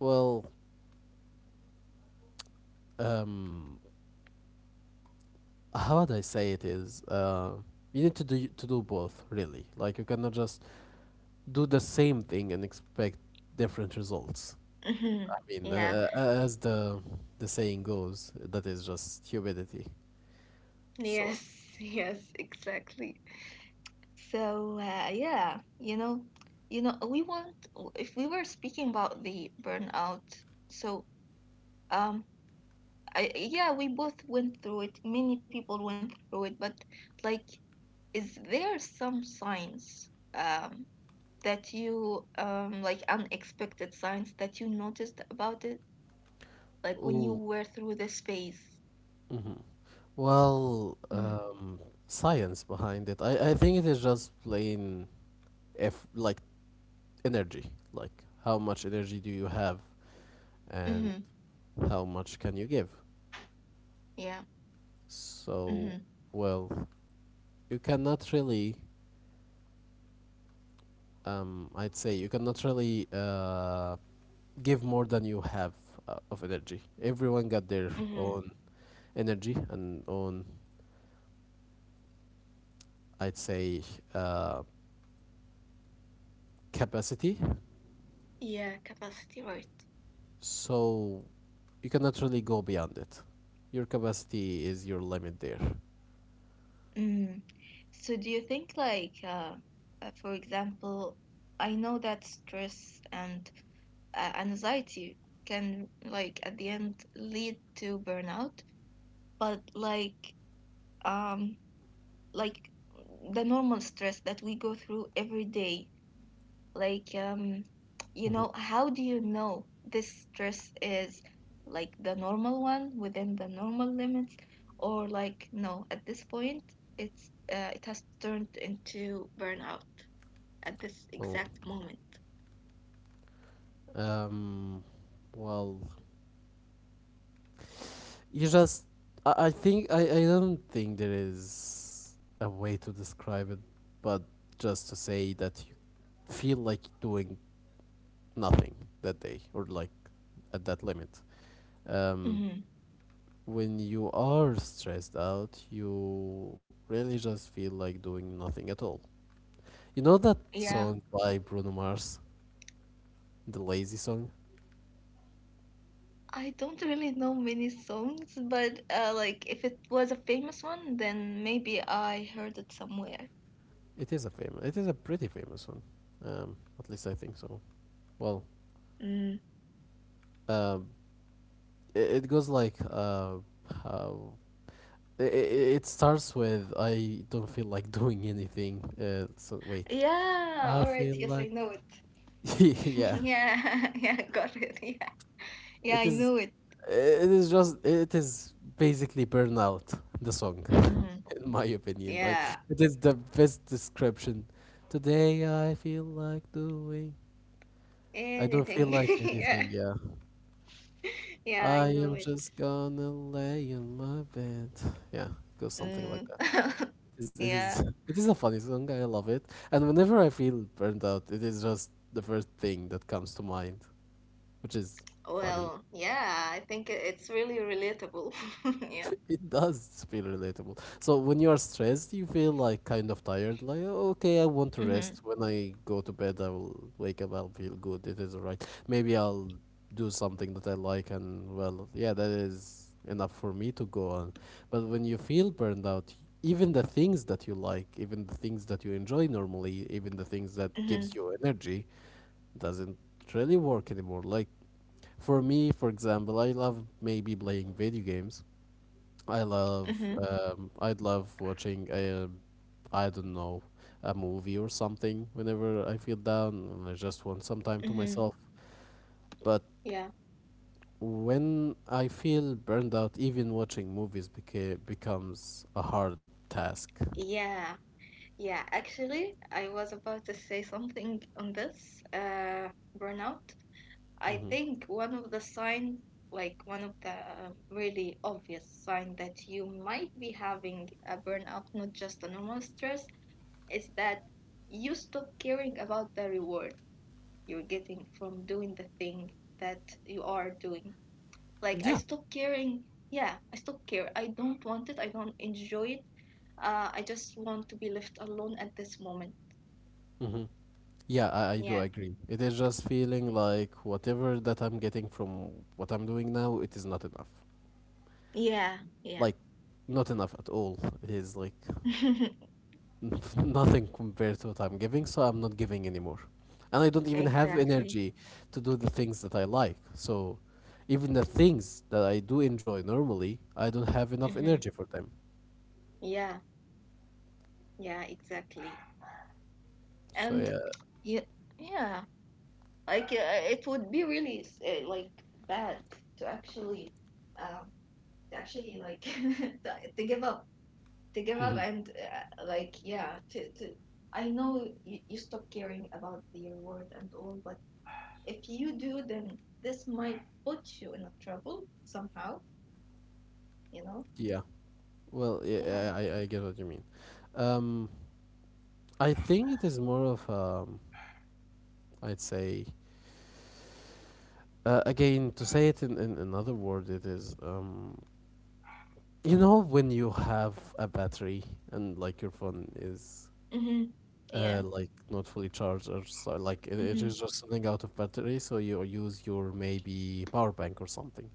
well, um, how would I say it is? You need to do both, really. Like you cannot just do the same thing and expect different results. Hmm. I mean, Yeah. As the saying goes, that is just stupidity. So, Yes, yes, exactly. So, yeah, you know, we want if we were speaking about the burnout, so um I yeah, we both went through it. Many people went through it, but like, is there some signs, um, that you like unexpected signs that you noticed about it, like when you ooh, were through the space? mhm. Well, Mm-hmm. Science behind it. I think it is just plain, if like energy, like how much energy do you have, and Mm-hmm. how much can you give. Yeah. Mm-hmm. So, well, you cannot really, I'd say you cannot really give more than you have of energy. Everyone got their Mm-hmm. own energy and own, I'd say, uh, capacity. Yeah, capacity, right. So you cannot really go beyond it. Your capacity is your limit there. Mm. So do you think like for example, I know that stress and anxiety can like at the end lead to burnout, but um like the normal stress that we go through every day, like you Mhm. know, how do you know this stress is like the normal one within the normal limits, or like no, at this point it's it has turned into burnout at this Oh, exact moment? um, well, you just. I think I don't think there is a way to describe it, but just to say that you feel like doing nothing that day or like at that limit. Um, Hmm. when you are stressed out, you really just feel like doing nothing at all. You know that Yeah, song by Bruno Mars, the Lazy Song? I don't really know many songs, but like if it was a famous one, then maybe I heard it somewhere. It is a pretty famous one. At least I think so. Well, Mm. um, it goes like how it starts with I don't feel like doing anything. So wait, Yeah, I all right. feel Yes, I like know it. yeah. Yeah. Yeah, got it. Yeah, yeah, It I is know it. Just it is basically burnout the song Mm-hmm. in my opinion. Like Yeah, it is the best description. Today I feel like doing, I don't feel anything. like Yeah, anything, yeah. yeah, I I know am it. just gonna lay in my bed, yeah. Goes something like Mm. that. It is Yeah. it is a funny song. I love it, and whenever I feel burned out it is just the first thing that comes to mind, which is funny. Well, yeah, I think it's really relatable. Yeah. It does feel relatable. So when you are stressed, you feel like kind of tired, like "Oh, okay, I want to Mm-hmm. rest. When I go to bed, I will wake up, I'll feel good. It is alright. Maybe I'll do something that I like, and well, yeah, that is enough for me to go on." But when you feel burned out, even the things that you like, even the things that you enjoy normally, even the things that gives Mm-hmm. you energy, doesn't really work anymore. Like for me, for example, I love maybe playing video games. I Mm-hmm. love I'd love watching a, I don't know, a movie or something whenever I feel down and I just want some time to Mm-hmm. myself. But Yeah. when I feel burned out, even watching movies becomes a hard task. Yeah. Yeah. Actually, I was about to say something on this burnout. I Hmm. think one of the signs, like one of the really obvious sign that you might be having a burnout, not just a normal stress, is that you stop caring about the reward you're getting from doing the thing that you are doing. Like I Yeah. stop caring. Yeah, I stop care. I don't want it. I don't enjoy it. I just want to be left alone at this moment. Hmm. Yeah, I do Yeah. agree. It is just feeling like whatever that I'm getting from what I'm doing now, it is not enough. Yeah. Yeah. Like, not enough at all. It is like nothing compared to what I'm giving, so I'm not giving anymore. And I don't even have exactly. energy to do the things that I like. So even the things that I do enjoy normally, I don't have enough Mm-hmm. energy for them. Yeah. Yeah, exactly. So And yeah. yeah, yeah, like It would be really like bad to actually, um, to actually like to give up, to give up, Hmm. and like yeah, to to. I know you stop caring about your word and all, but if you do, then this might put you in a trouble somehow. You know? Yeah. Well, Yeah. yeah, I get what you mean. Um, I think it is more of, I'd say, again, to say it in another word, it is, you know, when you have a battery and like your phone is Mhm. Yeah. like not fully charged, or so like it Mhm. is just running out of battery, so you use your maybe power bank or something.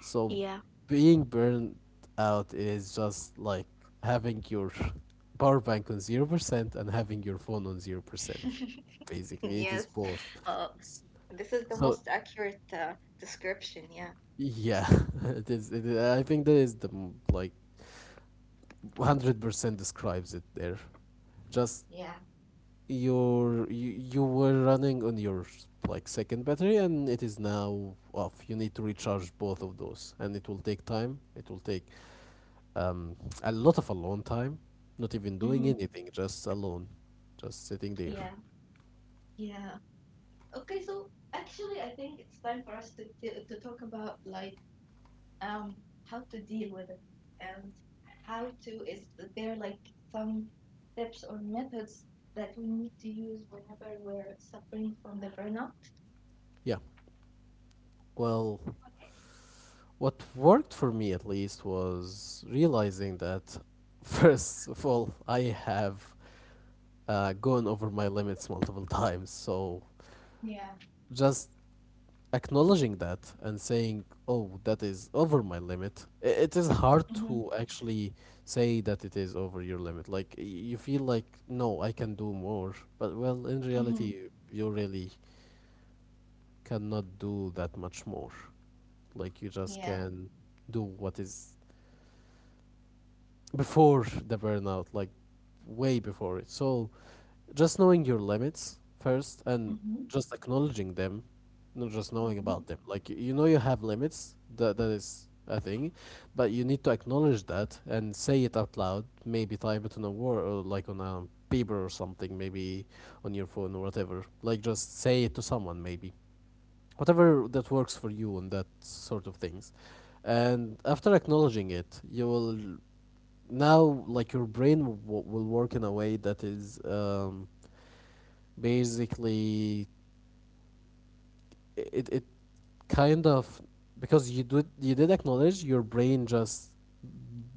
So Yeah. being burned out is just like having your power bank on 0% and having your phone on 0%. Basically, it is Yes. both. Uh, S- this is the So most accurate description. Yeah. yeah, I think that is the like 100% describes it there. Just Yeah. you were running on your like second battery and it is now off. You need to recharge both of those, and it will take time. It will take um, a lot of alone time, not even doing Hmm. anything, just alone, just sitting there, Yeah. Yeah. Okay, so actually, I think it's time for us to to talk about like um how to deal with it and how to is there like some tips or methods that we need to use whenever we're suffering from the burnout. yeah. Well, what worked for me at least was realizing that first of all I have gone over my limits multiple times. So Yeah. just acknowledging that and saying, "Oh, that is over my limit," it is hard to Mhm. actually say that it is over your limit. Like you feel like, "No, I can do more," but well, in reality, Mhm. you really cannot do that much more. Like you just Yeah. can do what is before the burnout, like way before it. So just knowing your limits first and Mhm. just acknowledging them, not just knowing Mhm. about them. Like, you know you have limits, that is a thing, but you need to acknowledge that and say it out loud. Maybe type it on a word or like on a paper or something, maybe on your phone or whatever. Like, just say it to someone, maybe whatever that works for you and that sort of things. And after acknowledging it, you will now, like, your brain will work in a way that is basically, it kind of, because you did acknowledge, your brain just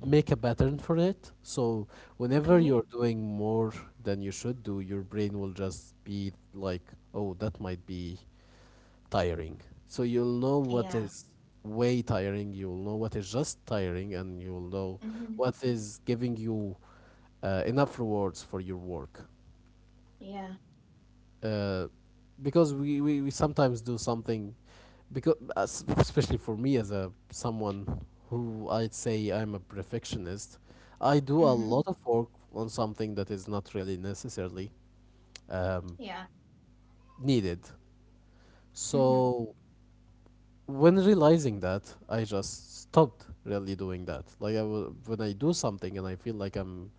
make a pattern for it. So whenever Okay. you're doing more than you should do, your brain will just be like, oh, that might be tiring. So you'll know what Yeah. is way tiring, you'll know what is just tiring, and you'll know Mhm. what is giving you enough rewards for your work. Yeah. uh, because we sometimes do something because, as, especially for me, as a someone who, I'd say, I'm a perfectionist, I do a Mhm. lot of work on something that is not really necessarily um, Yeah. needed. Mhm. So when realizing that, I just stopped really doing that. Like, I when I do something and I feel like I'm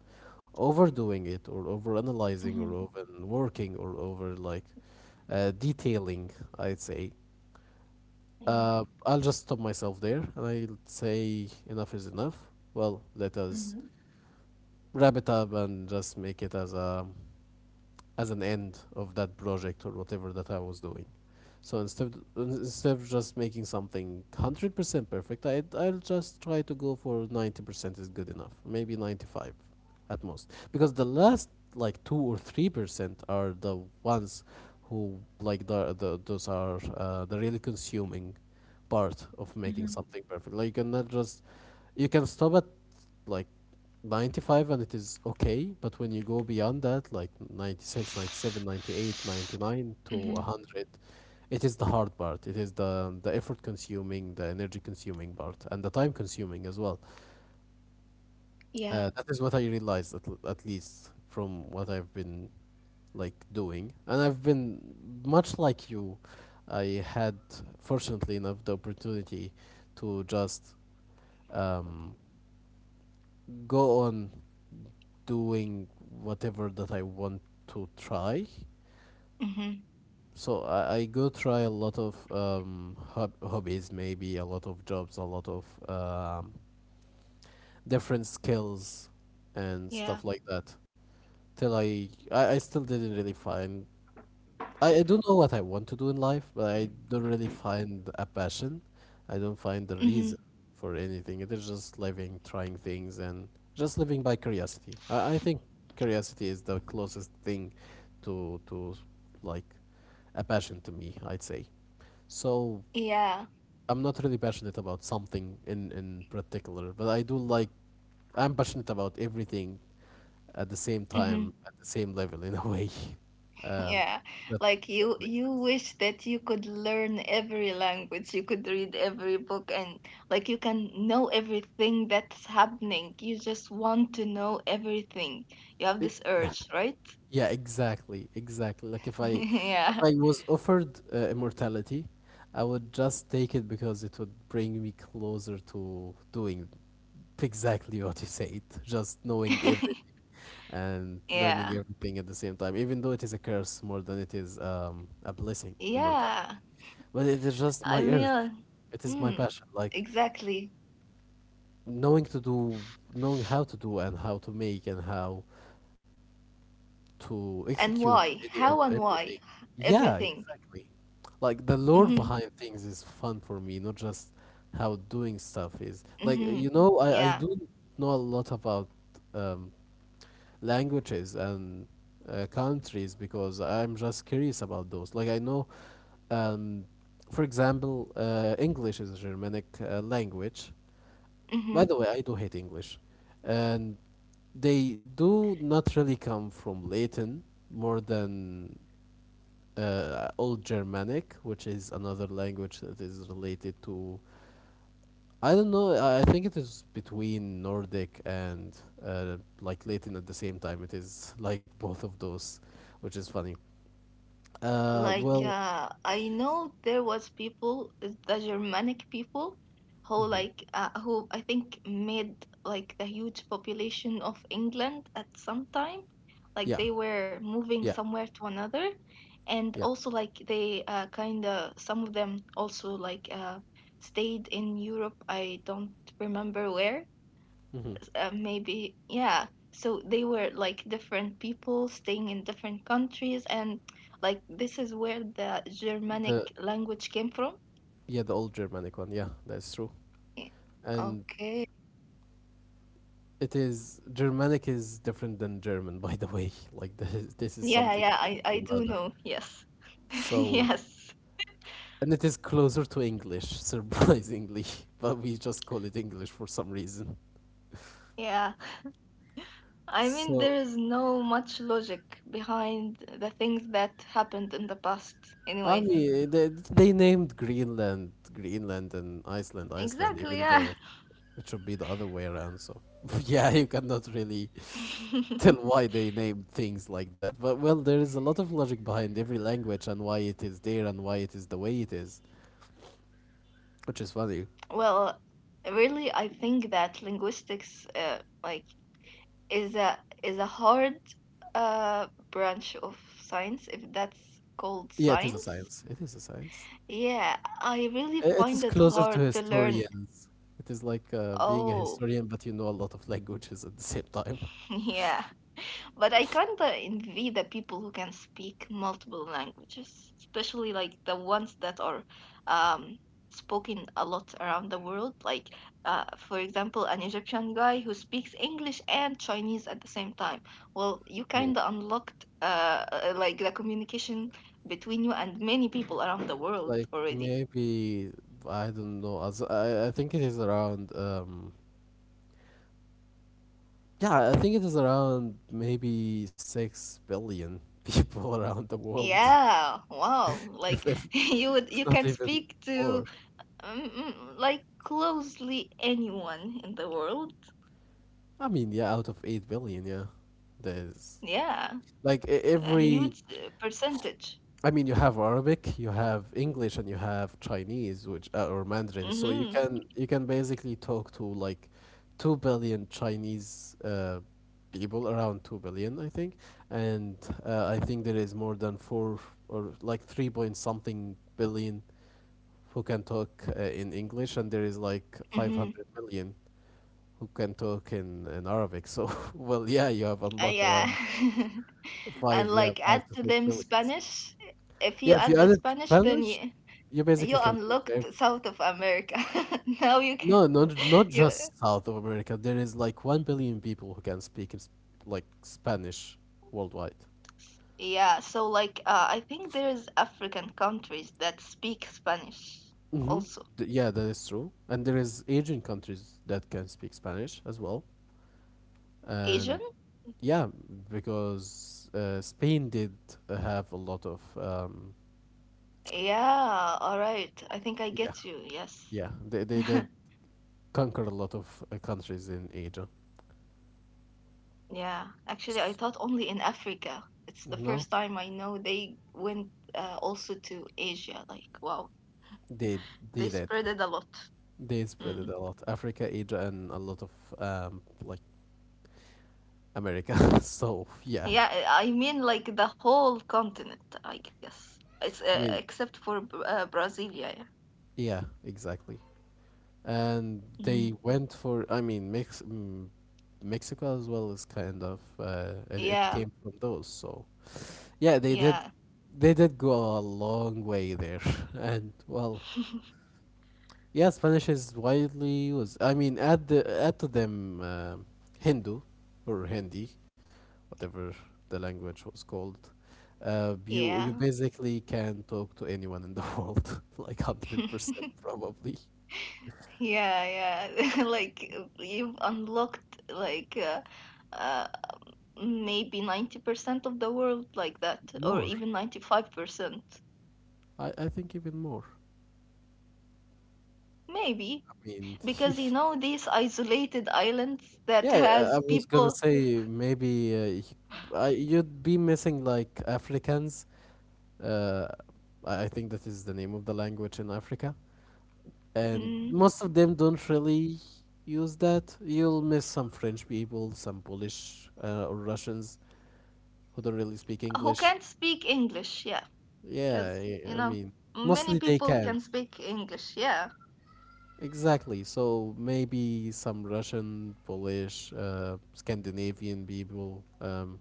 overdoing it or over analyzing Mhm. or over working or over like detailing, I'd say. Yeah. I'll just stop myself there and I'll say enough is enough. Well, let us Mhm. wrap it up and just make it as a as an end of that project or whatever that I was doing. So instead of just making something 100% perfect, I'll just try to go for 90% is good enough, maybe 95, at most. Because the last like 2 or 3% are the ones who, like, the those are the really consuming part of making Mhm. something perfect. Like, you cannot just, you can stop at like 95 and it is okay, but when you go beyond that, like 96, 97, 98, 99 to Mhm. 100, it is the hard part, it is the effort consuming, the energy consuming part, and the time consuming as well. Yeah. That is what I realized, at least from what I've been like doing. And I've been much like you. I had fortunately enough the opportunity to just um, go on doing whatever that I want to try. Mhm. So I go try a lot of hobbies, maybe a lot of jobs, a lot of different skills and Yeah. stuff like that. Till I still didn't really find, I don't know what I want to do in life, but I don't really find a passion. I don't find the Mhm. reason for anything. It is just living, trying things, and just living by curiosity. I think curiosity is the closest thing to like a passion to me, I'd say. So Yeah. I'm not really passionate about something in particular, but I do, like, I'm passionate about everything at the same time Mhm. at the same level in a way. Um, Yeah. that Like that makes you sense. wish that you could learn every language, you could read every book, and like you can know everything that's happening. You just want to know everything. You have this Yeah, urge, right? yeah, exactly, exactly. Like, if I if yeah. I was offered immortality, I would just take it because it would bring me closer to doing exactly what you said, just knowing everything, and learning yeah. everything at the same time, even though it is a curse more than it is a blessing, immortality. Yeah. But it is just I my urge. mean, It is my mm, passion, like, exactly. knowing to do, knowing how to do and how to make and how to And execute why, any of how, and everything. why Yeah, everything. exactly. Like, the lore Mhm. behind things is fun for me, not just how doing stuff is. Like, Mhm. you know, I Yeah. do know a lot about um, languages and countries because I'm just curious about those. Like, I know, um, for example, English is a Germanic language. By Mhm. the way, I do hate English, and they do not really come from Latin more than Old Germanic, which is another language that is related to. I don't know. I think it is between Nordic and like Latin at the same time. It is like both of those, which is funny. Like Well, I know there was people the Germanic people who mhm. like who I think made like the huge population of England at some time, like Yeah, they were moving yeah, somewhere to another, and yeah. also like they kind of, some of them also like stayed in Europe. I don't remember where. Hmm. Maybe, yeah. So they were like different people staying in different countries, and like this is where the Germanic The, language came from. yeah, the Old Germanic one. Yeah, that's true. Yeah. And, Okay. it is, Germanic is different than German, by the way. Like, this is Yeah, yeah, something and i this i is do another. know, yes. So, yes. and it is closer to English, surprisingly, but we just call it English for some reason. Yeah, I mean, So, there is no much logic behind the things that happened in the past I anyways. mean, they named Greenland Greenland and Iceland Iceland, Exactly, even yeah. though it should be the other way around. So, yeah, you cannot really tell why they named things like that. But well, there is a lot of logic behind every language and why it is there and why it is the way it is, which is funny. Well, really, I think that linguistics like is a hard branch of science, if that's called Yeah, it is a science. science. It is a science. Yeah, I really It find is it closer to hard to learn. historians. It is like being a Oh, historian, but you know a lot of languages at the same time. yeah. But I kind of envy the people who can speak multiple languages, especially like the ones that are um, spoken a lot around the world. Like, for example, an Egyptian guy who speaks English and Chinese at the same time. Well, you kind Oh. of unlocked like the communication between you and many people around the world Like, already. maybe, I don't know. I think it is around. Yeah, I think it is around maybe 6 billion people around the world, Yeah, wow. Like if, you not can even speak to more. Like closely anyone in the world. I mean, yeah, out of 8 billion, yeah, there's Yeah, like a every, huge percentage. I mean, you have Arabic, you have English, and you have Chinese, which or Mandarin. So you Mm-hmm. can you can basically talk to like 2 billion Chinese people, around 2 billion, I think. And I think there is more than four or like three point something billion who can talk in English, and there is like five Mm-hmm. hundred million who can talk in Arabic. So well, yeah, you have unlocked Yeah. around And five, yeah, like add five to to six them billion. Spanish. If you Yeah, if you add the added Spanish, then Spanish, you basically you can talk to unlocked South of America. now you can. no, not not You, just South of America. There is like 1 billion people who can speak in, like, Spanish worldwide. yeah. So like, I think there's African countries that speak Spanish Mm-hmm. also. Yeah, that is true. And there is Asian countries that can speak Spanish as well. Asian. And yeah, because Spain did have a lot of Yeah. All right. I think I yeah, get you. Yes. yeah. They did conquer a lot of countries in Asia. Yeah, actually, I S- thought only in Africa. It's the No, first time I know they went also to Asia. Like, wow, they they they did. spread it a lot. They spread it Mm. a lot. Africa, Asia, and a lot of like, America. So yeah, Yeah, I mean, like the whole continent, I guess. It's I mean, except for Brasilia. Yeah. yeah, exactly. And Mhm. they went for, I mean, Mex mm, Mexico as well is kind of it Yeah. came from those. So yeah, Yeah. they did go a long way there. And well, yeah, Spanish is widely used. I mean, add to them Hindu or Hindi, whatever the language was called, you Yeah. basically can talk to anyone in the world, like, 100%, probably Yeah, yeah. Like you've unlocked like uh maybe 90% of the world like that, or more. even 95%. I think even more. Maybe I mean, because you know these isolated islands that yeah, I has was gonna people, say maybe I, you'd be missing like Africans. Uh, I think that is the name of the language in Africa, and mm, most of them don't really use that. You'll miss some French people, some Polish or Russians, who don't really speak who English. can't speak English. Yeah, Yeah, because you I know mean, many mostly they people can. can speak English. Yeah, Exactly. So maybe some Russian, Polish, Scandinavian people,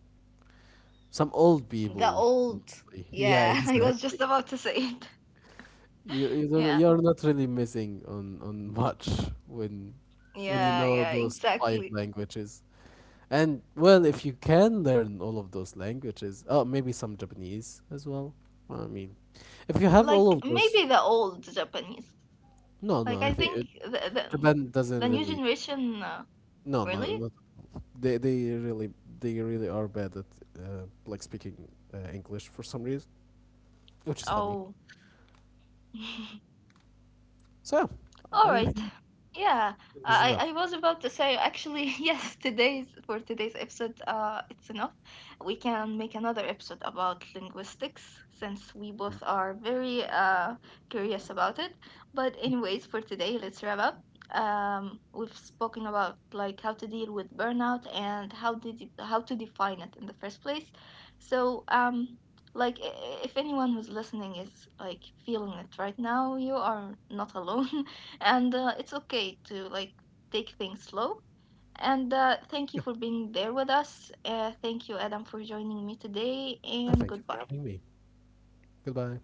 some old the people old. mostly. Yeah, Yeah, I was exactly. just about to say it. You don't, Yeah, you're not really missing on much when you yeah, know yeah, those five exactly. languages. And well, if you can learn all of those languages, oh, maybe some Japanese as well. I mean, if you have all Like of those, maybe the old Japanese. no, Like I no, I think think it, the the doesn't new really. generation. No, no, Really? not. They really, they really are bad at like, speaking English for some reason, which is funny. Oh. So All yeah, I right. think Yeah, this is enough. I was about to say actually, yes. Today's episode, it's enough. We can make another episode about linguistics, since we both are very curious about it. But anyways, for today, let's wrap up. We've spoken about like how to deal with burnout and how to define it in the first place. So like if anyone who's listening is like feeling it right now, you are not alone. And it's okay to like take things slow, and thank Yeah, you for being there with us, thank you, Adam, for joining me today, and thank you for goodbye. having me. Goodbye.